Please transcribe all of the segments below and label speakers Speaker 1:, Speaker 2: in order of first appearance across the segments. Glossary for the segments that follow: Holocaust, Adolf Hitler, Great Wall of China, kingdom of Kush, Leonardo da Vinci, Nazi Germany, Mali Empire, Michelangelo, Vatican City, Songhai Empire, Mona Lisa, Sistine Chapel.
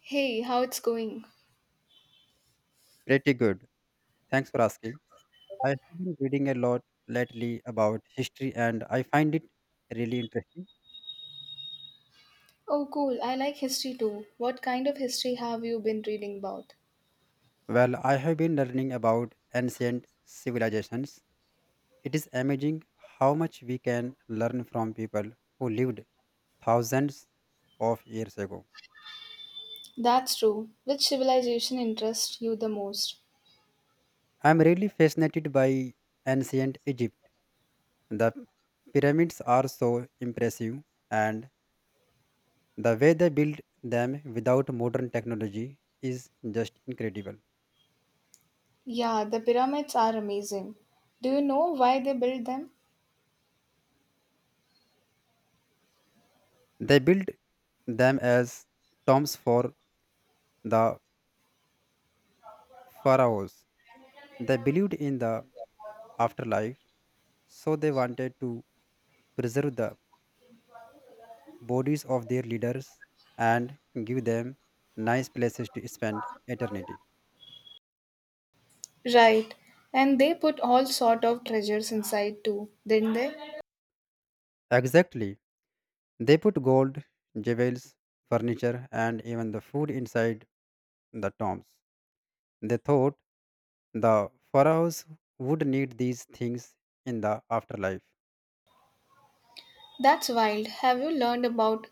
Speaker 1: Hey, how it's going?
Speaker 2: Pretty good. Thanks for asking. I have been reading a lot lately about history and I find it really interesting.
Speaker 1: Oh, cool. I like history too. What kind of history have you been reading about?
Speaker 2: Well, I have been learning about ancient civilizations. It is amazing how much we can learn from people who lived thousands of years ago.
Speaker 1: That's true. Which civilization interests you the most?
Speaker 2: I am really fascinated by ancient Egypt. The pyramids are so impressive and the way they built them without modern technology is just incredible.
Speaker 1: Yeah, the pyramids are amazing. Do you know why they built them?
Speaker 2: They built them as tombs for the pharaohs. They believed in the afterlife, so they wanted to preserve the bodies of their leaders and give them nice places to spend eternity.
Speaker 1: Right. And they put all sort of treasures inside too, didn't they?
Speaker 2: Exactly. They put gold, jewels, furniture, and even the food inside the tombs. They thought the pharaohs would need these things in the afterlife.
Speaker 1: That's wild. Have you learned about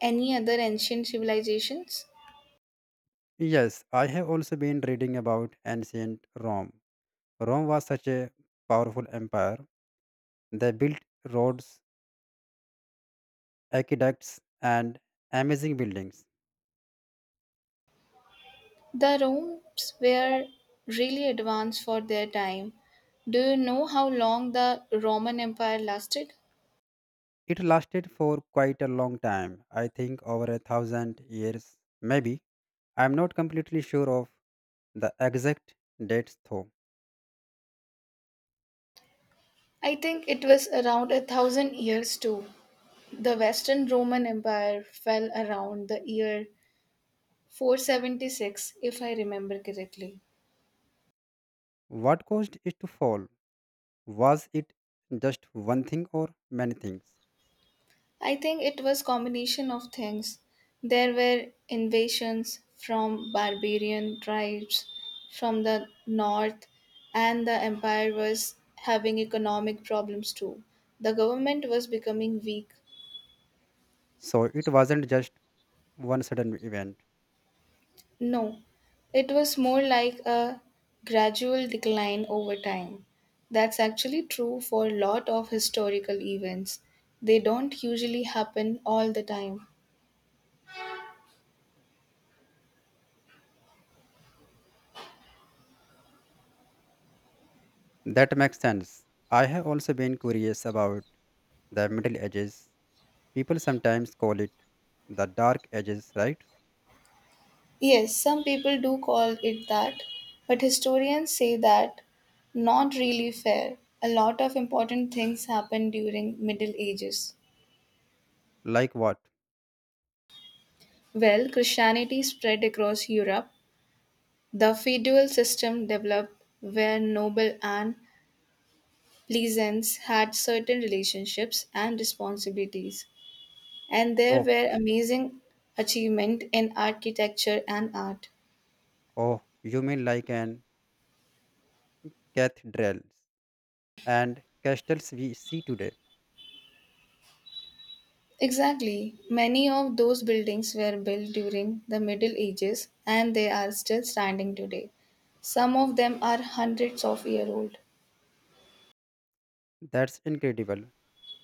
Speaker 1: any other ancient civilizations?
Speaker 2: Yes, I have also been reading about ancient Rome. Rome was such a powerful empire. They built roads, aqueducts, and amazing buildings.
Speaker 1: The rooms were really advanced for their time. Do you know how long the Roman Empire lasted?
Speaker 2: It lasted for quite a long time, I think over a thousand years, maybe. I am not completely sure of the exact dates though.
Speaker 1: I think it was around a thousand years too. The Western Roman Empire fell around the year 476, if I remember correctly.
Speaker 2: What caused it to fall? Was it just one thing or many things?
Speaker 1: I think it was combination of things. There were invasions from barbarian tribes from the north, and the empire was having economic problems too. The government was becoming weak.
Speaker 2: So it wasn't just one sudden event.
Speaker 1: No, it was more like a gradual decline over time. That's actually true for a lot of historical events. They don't usually happen all the time.
Speaker 2: That makes sense. I have also been curious about the Middle Ages. People sometimes call it the Dark Ages, right?
Speaker 1: Yes, some people do call it that, but historians say that not really fair. A lot of important things happened during Middle Ages.
Speaker 2: Like what?
Speaker 1: Well, Christianity spread across Europe. The feudal system developed where noble and pleasants had certain relationships and responsibilities, and there
Speaker 2: Oh,
Speaker 1: were amazing achievement in architecture and art.
Speaker 2: oh, you mean like an cathedrals and castles we see today.
Speaker 1: Exactly. Many of those buildings were built during the Middle Ages and they are still standing today. Some of them are hundreds of years old.
Speaker 2: That's incredible.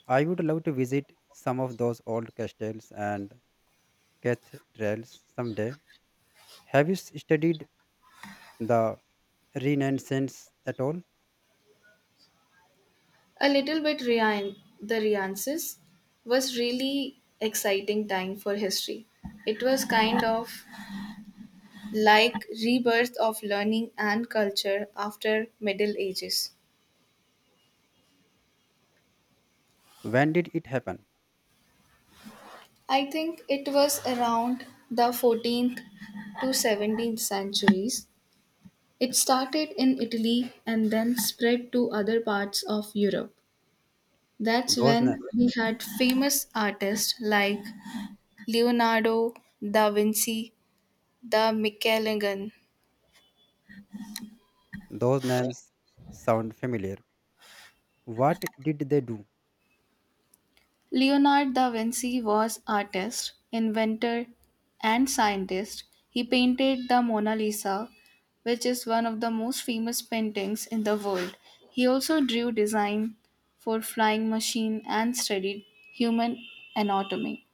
Speaker 2: I would love to visit some of those old castles and cathedrals someday. Have you studied the Renaissance at all?
Speaker 1: A little bit, Ryan, the Renaissance was really exciting time for history. It was kind of like rebirth of learning and culture after Middle Ages.
Speaker 2: When did it happen?
Speaker 1: I think it was around the 14th to 17th centuries. It started in Italy and then spread to other parts of Europe. That's
Speaker 2: Those na-
Speaker 1: when we had famous artists like Leonardo da Vinci, the Michelangelo.
Speaker 2: those names sound familiar. What did they do?
Speaker 1: Leonardo da Vinci was artist, inventor, and scientist. He painted the Mona Lisa, which is one of the most famous paintings in the world. He also drew design for flying machine and studied human anatomy.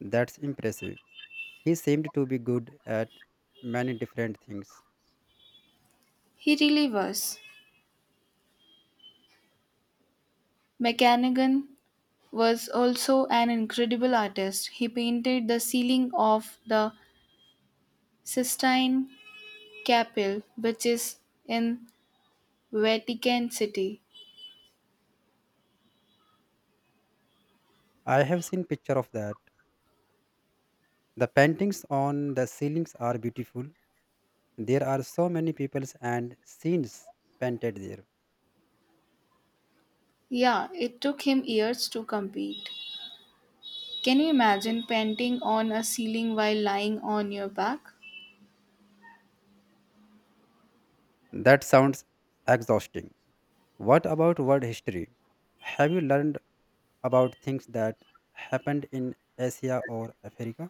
Speaker 2: That's impressive. He seemed to be good at many different things.
Speaker 1: He really was. McCannigan was also an incredible artist. He painted the ceiling of the Sistine Chapel, which is in Vatican City.
Speaker 2: I have seen picture of that. The paintings on the ceilings are beautiful. There are so many peoples and scenes painted there.
Speaker 1: Yeah, it took him years to complete. Can you imagine painting on a ceiling while lying on your back?
Speaker 2: That sounds exhausting. What about world history? Have you learned about things that happened in Asia or Africa?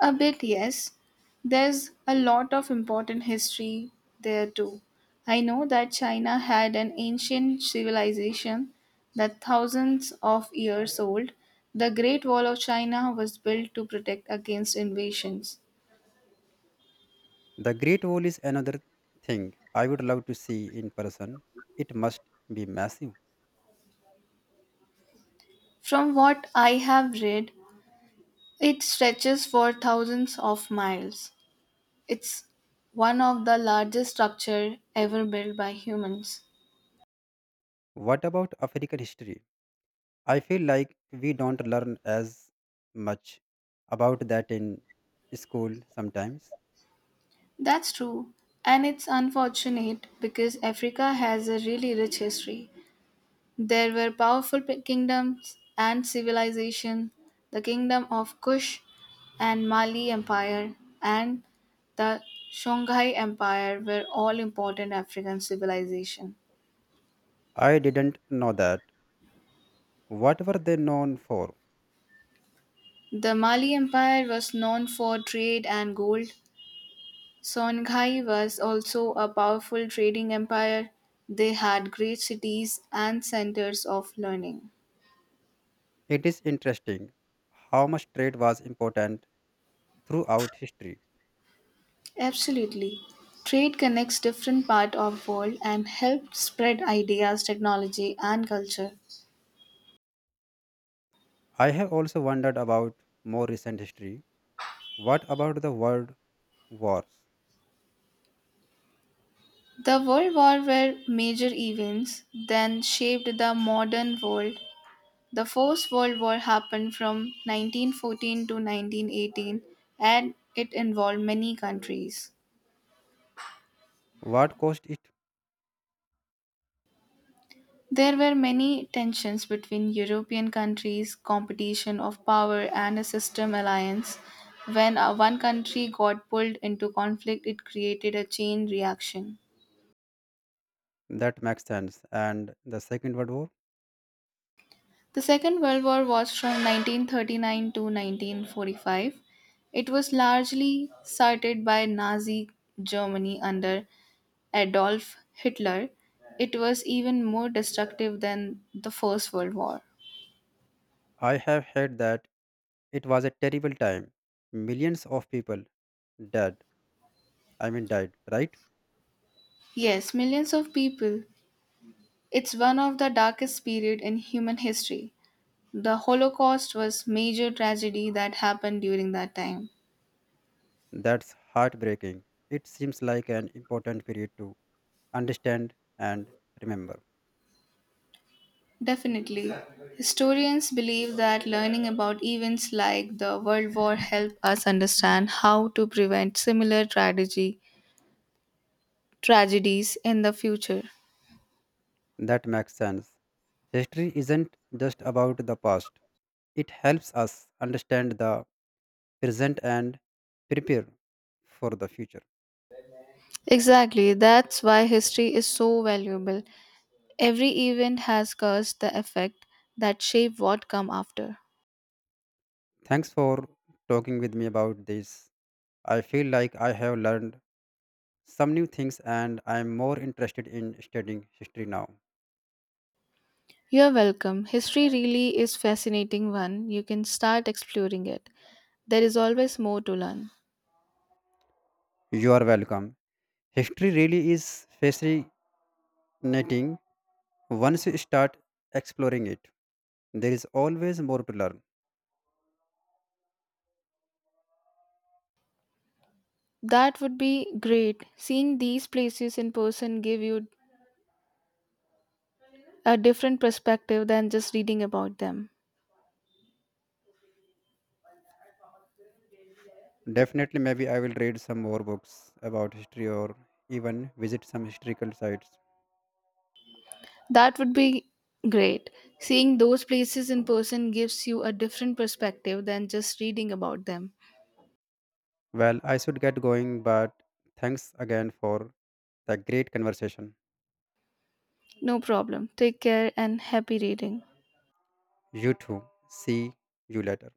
Speaker 1: A bit, yes. There's a lot of important history there too. I know that China had an ancient civilization that thousands of years old. The Great Wall of China was built to protect against invasions.
Speaker 2: The Great Wall is another thing I would love to see in person. It must be massive.
Speaker 1: From what I have read, it stretches for thousands of miles. It's one of the largest structure ever built by humans.
Speaker 2: What about African history? I feel like we don't learn as much about that in school sometimes.
Speaker 1: That's true. And it's unfortunate because Africa has a really rich history. There were powerful p- kingdoms and civilization, the kingdom of Kush and Mali Empire and the Songhai Empire were all important African civilization.
Speaker 2: I didn't know that. What were they known for?
Speaker 1: The Mali Empire was known for trade and gold. Songhai was also a powerful trading empire. They had great cities and centers of learning.
Speaker 2: It is interesting how much trade was important throughout history.
Speaker 1: Absolutely. Trade connects different parts of world and helps spread ideas, technology and culture.
Speaker 2: I have also wondered about more recent history. What about the world wars?
Speaker 1: The World War were major events then shaped the modern world. The First World War happened from 1914 to 1918 and it involved many countries.
Speaker 2: What caused it?
Speaker 1: There were many tensions between European countries, competition of power, and a system alliance. When one country got pulled into conflict, it created a chain reaction.
Speaker 2: That makes sense. And the Second World War?
Speaker 1: The Second World War was from 1939 to 1945. It was largely started by Nazi Germany under Adolf Hitler. It was even more destructive than the First World War.
Speaker 2: I have heard that it was a terrible time. Millions of people dead. Died, right?
Speaker 1: Yes, millions of people. It's one of the darkest period in human history. The Holocaust was major tragedy that happened during that time.
Speaker 2: That's heartbreaking. It seems like an important period to understand and remember.
Speaker 1: Definitely. Historians believe that learning about events like the World War help us understand how to prevent similar tragedy tragedies in the future.
Speaker 2: That makes sense. History isn't just about the past, it helps us understand the present and prepare for the future.
Speaker 1: Exactly, that's why history is so valuable. Every event has caused the effect that shape what come after.
Speaker 2: Thanks for talking with me about this. I feel like I have learned some new things and I am more interested in studying history now.
Speaker 1: You're welcome. History really is fascinating one. You can start exploring it. There is always more to learn.
Speaker 2: You are welcome. History really is fascinating once you start exploring it. There is always more to learn.
Speaker 1: That would be great. Seeing these places in person give you a different perspective than just reading about them.
Speaker 2: Definitely, maybe I will read some more books about history or even visit some historical sites.
Speaker 1: That would be great. Seeing those places in person gives you a different perspective than just reading about them.
Speaker 2: Well, I should get going, but thanks again for the great conversation.
Speaker 1: No problem. Take care and happy reading.
Speaker 2: You too. See you later.